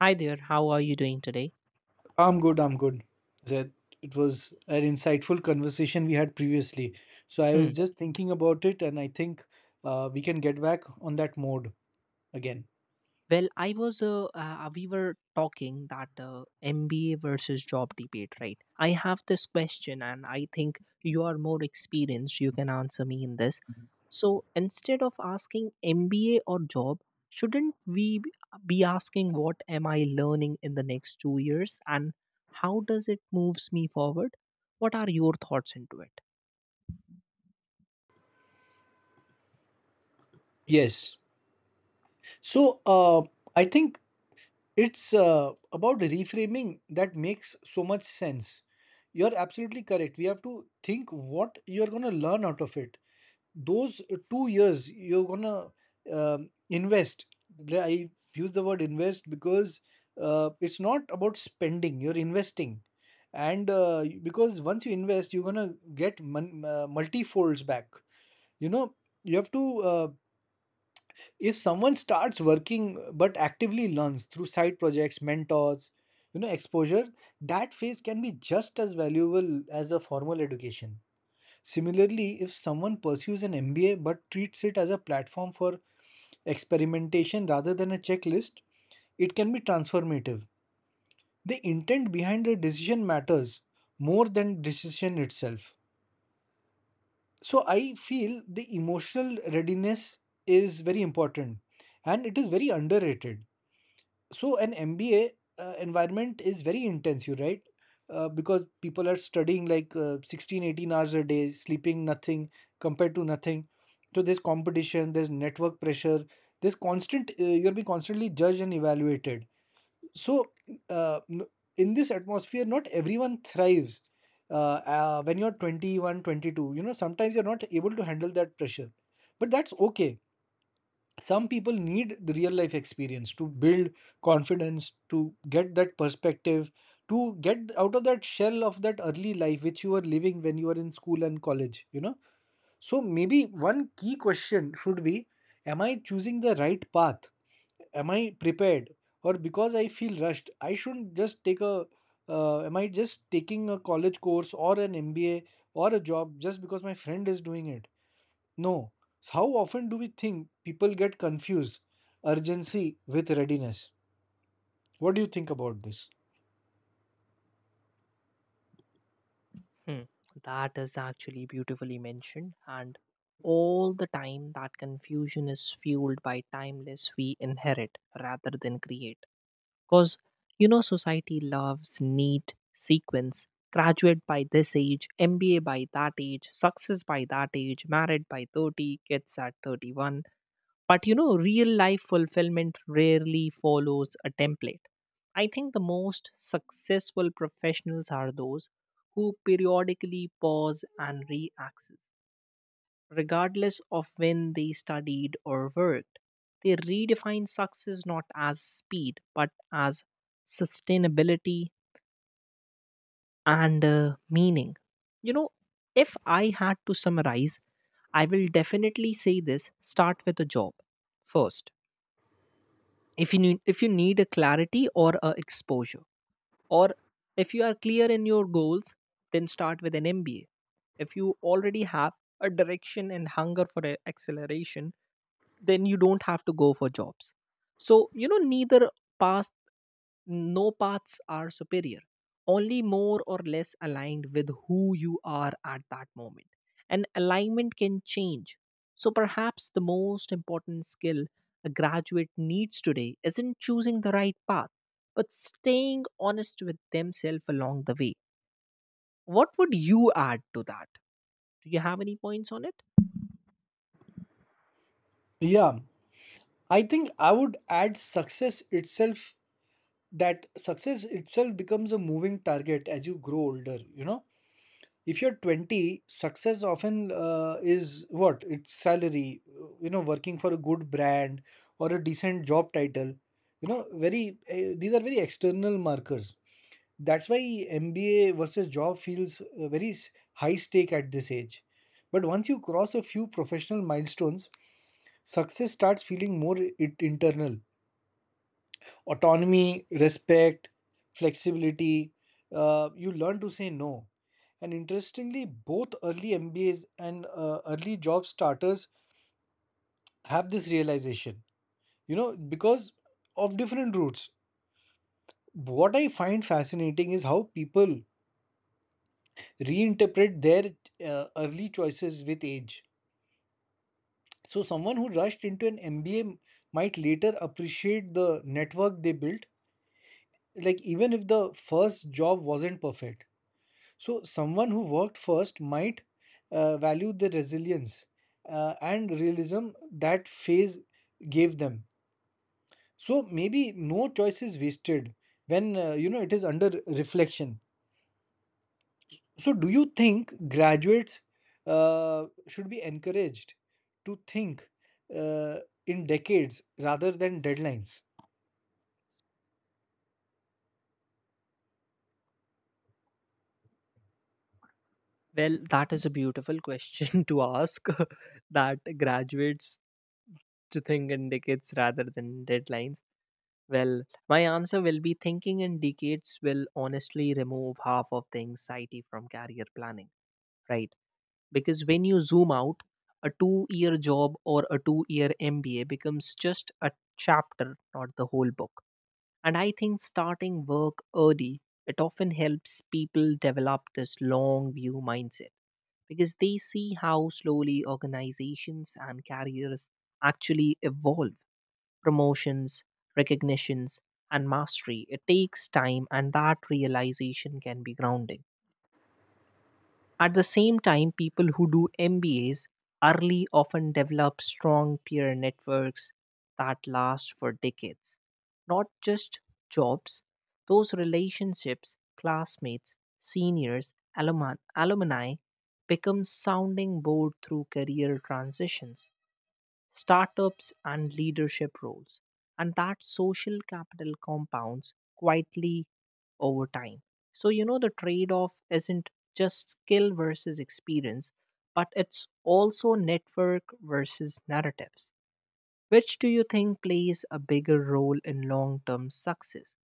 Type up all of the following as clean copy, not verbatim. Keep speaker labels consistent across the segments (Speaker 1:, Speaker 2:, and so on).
Speaker 1: Hi there, how are you doing today?
Speaker 2: I'm good, I'm good. That it was an insightful conversation we had previously. So I
Speaker 1: Hmm.
Speaker 2: was just thinking about it, and I think we can get back on that mode again.
Speaker 1: Well, I was, we were talking that MBA versus job debate, right? I have this question, and I think you are more experienced. You can answer me in this. So instead of asking MBA or job, shouldn't we b- be asking what am I learning in the next two years and how does it moves me forward? What are your thoughts into it?
Speaker 2: Yes. So I think it's about reframing that makes so much sense. You're absolutely correct. We have to think what you're going to learn out of it. Those 2 years you're gonna invest. Like, I use the word invest because it's not about spending, you're investing. And because once you invest, you're gonna get multi folds back, you know. You have to, if someone starts working but actively learns through side projects, mentors, you know, exposure, that phase can be just as valuable as a formal education. Similarly, if someone pursues an MBA but treats it as a platform for experimentation rather than a checklist, it can be transformative. The intent behind the decision matters more than decision itself. So I feel the emotional readiness is very important, and it is very underrated. So an MBA environment is very intensive, right? Because people are studying like 16, 18 hours a day, sleeping nothing compared to nothing. So there's competition, there's network pressure, there's constant, you're being constantly judged and evaluated. So uh, n- in this atmosphere, not everyone thrives. When you're 21, 22, you know, sometimes you're not able to handle that pressure. But that's okay, some people need the real life experience to build confidence, to get that perspective, to get out of that shell of that early life which you were living when you were in school and college, you know. So maybe one key question should be, am I choosing the right path? Am I prepared? Or because I feel rushed, I shouldn't just take a, am I just taking a college course or an MBA or a job just because my friend is doing it? No. How often do we think people get confused urgency with readiness? What do you think about this?
Speaker 1: Hmm, That is actually beautifully mentioned. And all the time, that confusion is fueled by timeless we inherit rather than create. Because, you know, society loves neat sequence, graduate by this age, MBA by that age, success by that age, married by 30, kids at 31. But, you know, real life fulfillment rarely follows a template. I think the most successful professionals are those who periodically pause and re-access, regardless of when they studied or worked. They redefine success not as speed, but as sustainability and meaning. You know, if I had to summarize, I will definitely say this, start with a job first. If you need a clarity or a exposure, or if you are clear in your goals, then start with an MBA. If you already have a direction and hunger for acceleration, then you don't have to go for jobs. So, you know, neither path no paths are superior, only more or less aligned with who you are at that moment. And alignment can change. So perhaps the most important skill a graduate needs today isn't choosing the right path, but staying honest with themselves along the way. What would you add to that? Do you have any points on it?
Speaker 2: Yeah, I think I would add success itself, that success itself becomes a moving target as you grow older, you know. If you're 20, success often is what? It's salary, you know, working for a good brand or a decent job title. You know, very these are very external markers. That's why MBA versus job feels high stake at this age. But once you cross a few professional milestones, success starts feeling more it internal. Autonomy, respect, flexibility. You learn to say no. And interestingly, both early MBAs and early job starters have this realization. You know, because of different routes. What I find fascinating is how people reinterpret their early choices with age. So, someone who rushed into an MBA might later appreciate the network they built, like even if the first job wasn't perfect. So, someone who worked first might value the resilience and realism that phase gave them. So, maybe no choice is wasted when you know, it is under reflection. So, do you think graduates should be encouraged to think uh, in decades rather than deadlines?
Speaker 1: Well, that is a beautiful question to ask that graduates to think in decades rather than deadlines. Well, my answer will be, thinking in decades will honestly remove half of the anxiety from career planning, right? Because when you zoom out, a two-year job or a two-year MBA becomes just a chapter, not the whole book. And I think starting work early, it often helps people develop this long view mindset, because they see how slowly organizations and careers actually evolve. Promotions, recognitions, and mastery. It takes time, and that realization can be grounding. At the same time, people who do MBAs early often develop strong peer networks that last for decades. Not just jobs, those relationships, classmates, seniors, alumni become sounding board through career transitions, startups, and leadership roles. And that social capital compounds quietly over time. So, you know, the trade off isn't just skill versus experience, but it's also network versus narratives. Which do you think plays a bigger role in long term success?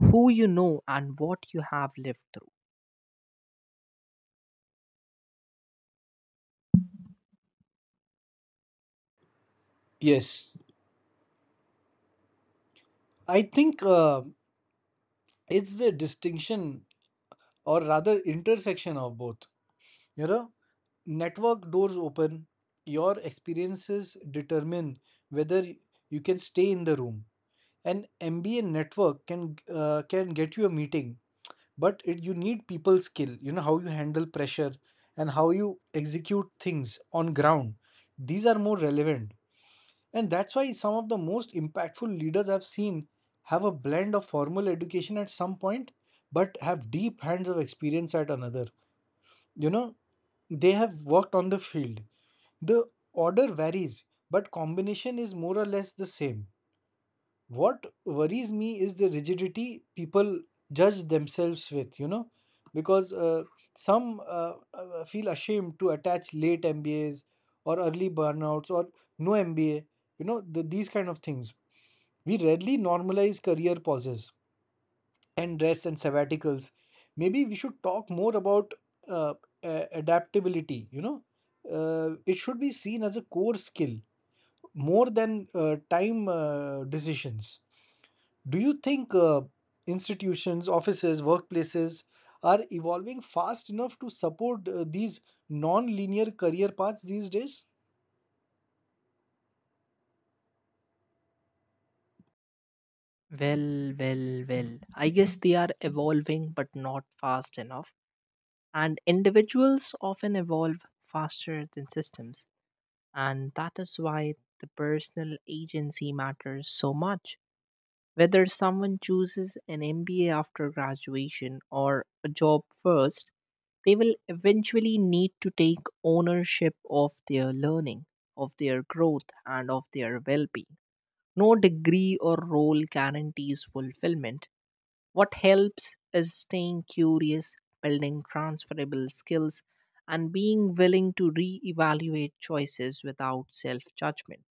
Speaker 1: Who you know and what you have lived through?
Speaker 2: Yes, I think it's a distinction, or rather intersection of both. You know, network doors open, your experiences determine whether you can stay in the room. An MBA network can get you a meeting, but it, you need people skill, you know, how you handle pressure and how you execute things on ground, these are more relevant. And that's why some of the most impactful leaders I've seen have a blend of formal education at some point but have deep hands of experience at another, you know. They have worked on the field. The order varies, but combination is more or less the same. What worries me is the rigidity people judge themselves with, you know. Because some feel ashamed to attach late MBAs or early burnouts or no MBA, you know, these kind of things. We rarely normalize career pauses and rests and sabbaticals. Maybe we should talk more about uh, adaptability, you know. Uh, it should be seen as a core skill more than time decisions. Do you think institutions, offices, workplaces are evolving fast enough to support these non linear career paths these days?
Speaker 1: Well, well, well. I guess they are evolving, but not fast enough. And individuals often evolve faster than systems. And that is why the personal agency matters so much. Whether someone chooses an MBA after graduation or a job first, they will eventually need to take ownership of their learning, of their growth, and of their well being. No degree or role guarantees fulfillment, what helps is staying curious, building transferable skills, and being willing to reevaluate choices without self judgment.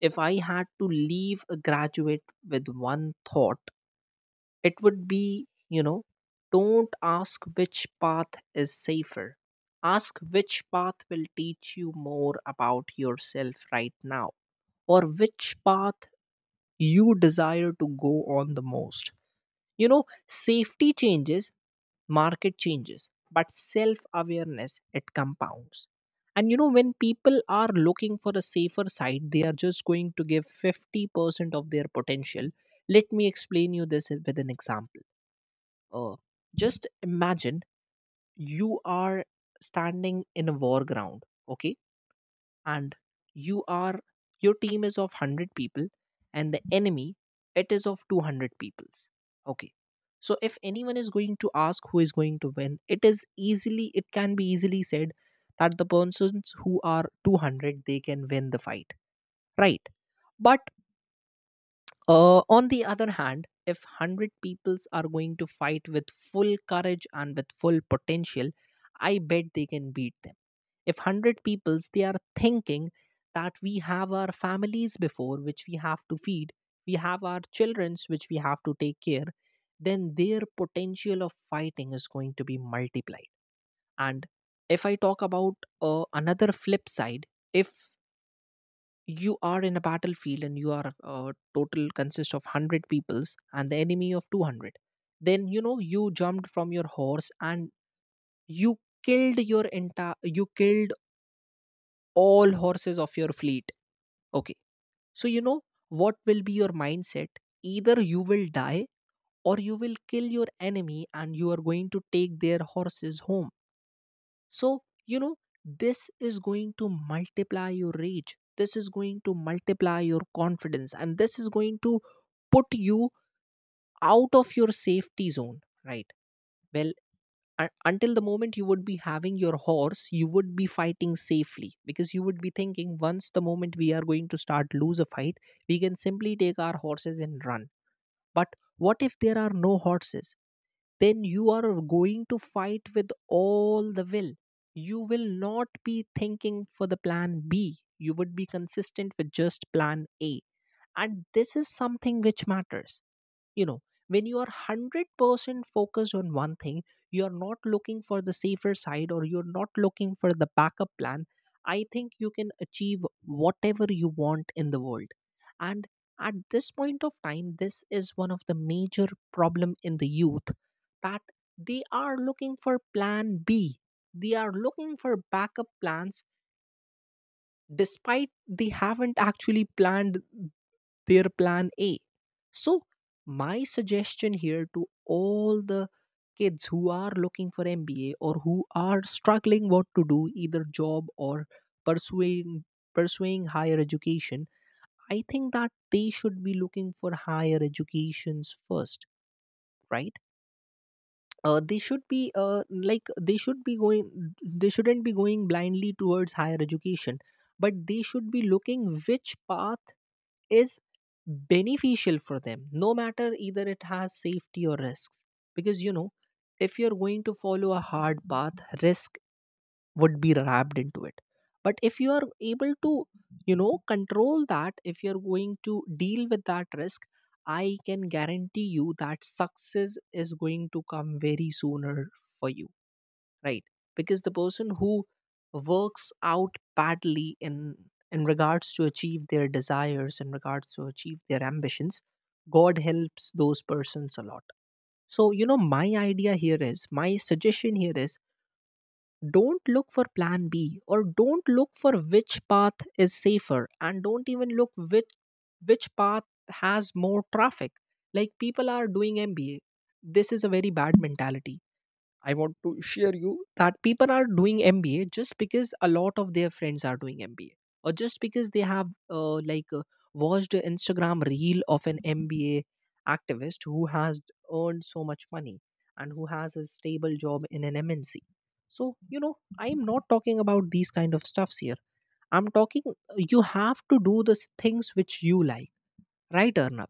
Speaker 1: If I had to leave a graduate with one thought, it would be, you know, don't ask which path is safer. Ask which path will teach you more about yourself right now, or which path you desire to go on the most. You know, safety changes, market changes, but self awareness, it compounds. And you know, when people are looking for a safer side, they are just going to give 50% of their potential. Let me explain you this with an example. Uh, just imagine you are standing in a war ground, okay? And you are your team is of 100 people and the enemy, it is of 200 peoples, okay. So if anyone is going to ask who is going to win, it is easily it can be easily said that the persons who are 200, they can win the fight, right? But on the other hand, if 100 peoples are going to fight with full courage and with full potential, I bet they can beat them. If 100 peoples, they are thinking that we have our families before which we have to feed, we have our childrens which we have to take care, then their potential of fighting is going to be multiplied. And if I talk about another flip side, if you are in a battlefield and you are total consist of 100 peoples and the enemy of 200, then you know, you jumped from your horse and you killed your entire you killed all horses of your fleet. Okay. So, you know, what will be your mindset? Either you will die or you will kill your enemy and you are going to take their horses home. So, you know, this is going to multiply your rage. This is going to multiply your confidence and this is going to put you out of your safety zone, right? Well, until the moment you would be having your horse, you would be fighting safely, because you would be thinking, once the moment we are going to start lose a fight, we can simply take our horses and run. But what if there are no horses? Then you are going to fight with all the will. You will not be thinking for the plan b, you would be consistent with just plan a. And this is something which matters, you know. When you are 100% focused on one thing, you are not looking for the safer side or you're not looking for the backup plan, I think you can achieve whatever you want in the world. And at this point of time, this is one of the major problem in the youth, that they are looking for plan b, they are looking for backup plans, despite they haven't actually planned their plan A. So, my suggestion here to all the kids who are looking for MBA or who are struggling what to do, either job or pursuing pursuing higher education, I think that they should be looking for higher educations first, right? They should be like they should be going they shouldn't be going blindly towards higher education, but they should be looking which path is beneficial for them, no matter either it has safety or risks. Because you know, if you're going to follow a hard path, risk would be wrapped into it. But if you are able to, you know, control that, if you're going to deal with that risk, I can guarantee you that success is going to come very sooner for you, right? Because the person who works out badly in regards to achieve their desires, in regards to achieve their ambitions, god helps those persons a lot. So you know, my idea here is, my suggestion here is, don't look for plan b or don't look for which path is safer, and don't even look which path has more traffic, like people are doing mba. This is a very bad mentality. I want to share you that people are doing MBA just because a lot of their friends are doing MBA, or just because they have like watched an Instagram reel of an MBA activist who has earned so much money and who has a stable job in an MNC. So you know, I am not talking about these kind of stuffs here. I'm talking. You have to do the things which you like, right Arnab?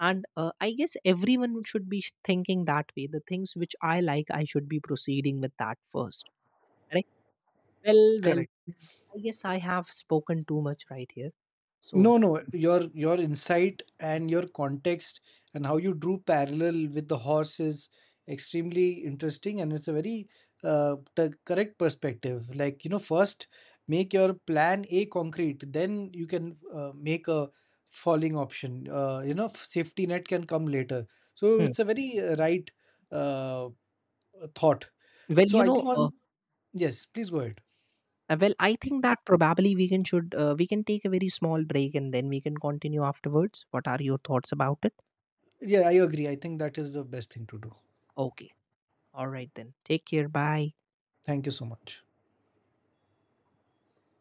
Speaker 1: And I guess everyone should be thinking that way, the things which I like, I should be proceeding with that first, right? Well, well,
Speaker 2: Correct.
Speaker 1: I guess I have spoken too much right here, so.
Speaker 2: No, no, your insight and your context and how you drew parallel with the horse is extremely interesting, and it's a very correct perspective. Like you know, first make your plan A concrete, then you can make a falling option. You know, safety net can come later. So
Speaker 1: Hmm.
Speaker 2: it's a very right uh, thought.
Speaker 1: Well
Speaker 2: So
Speaker 1: you
Speaker 2: I
Speaker 1: know,
Speaker 2: think on yes, please go ahead.
Speaker 1: well I think that probably we can take a very small break and then we can continue afterwards. What are your thoughts about it?
Speaker 2: Yeah, I agree. I think that is the best thing to do.
Speaker 1: Okay, all right then, take care, bye.
Speaker 2: Thank you so much.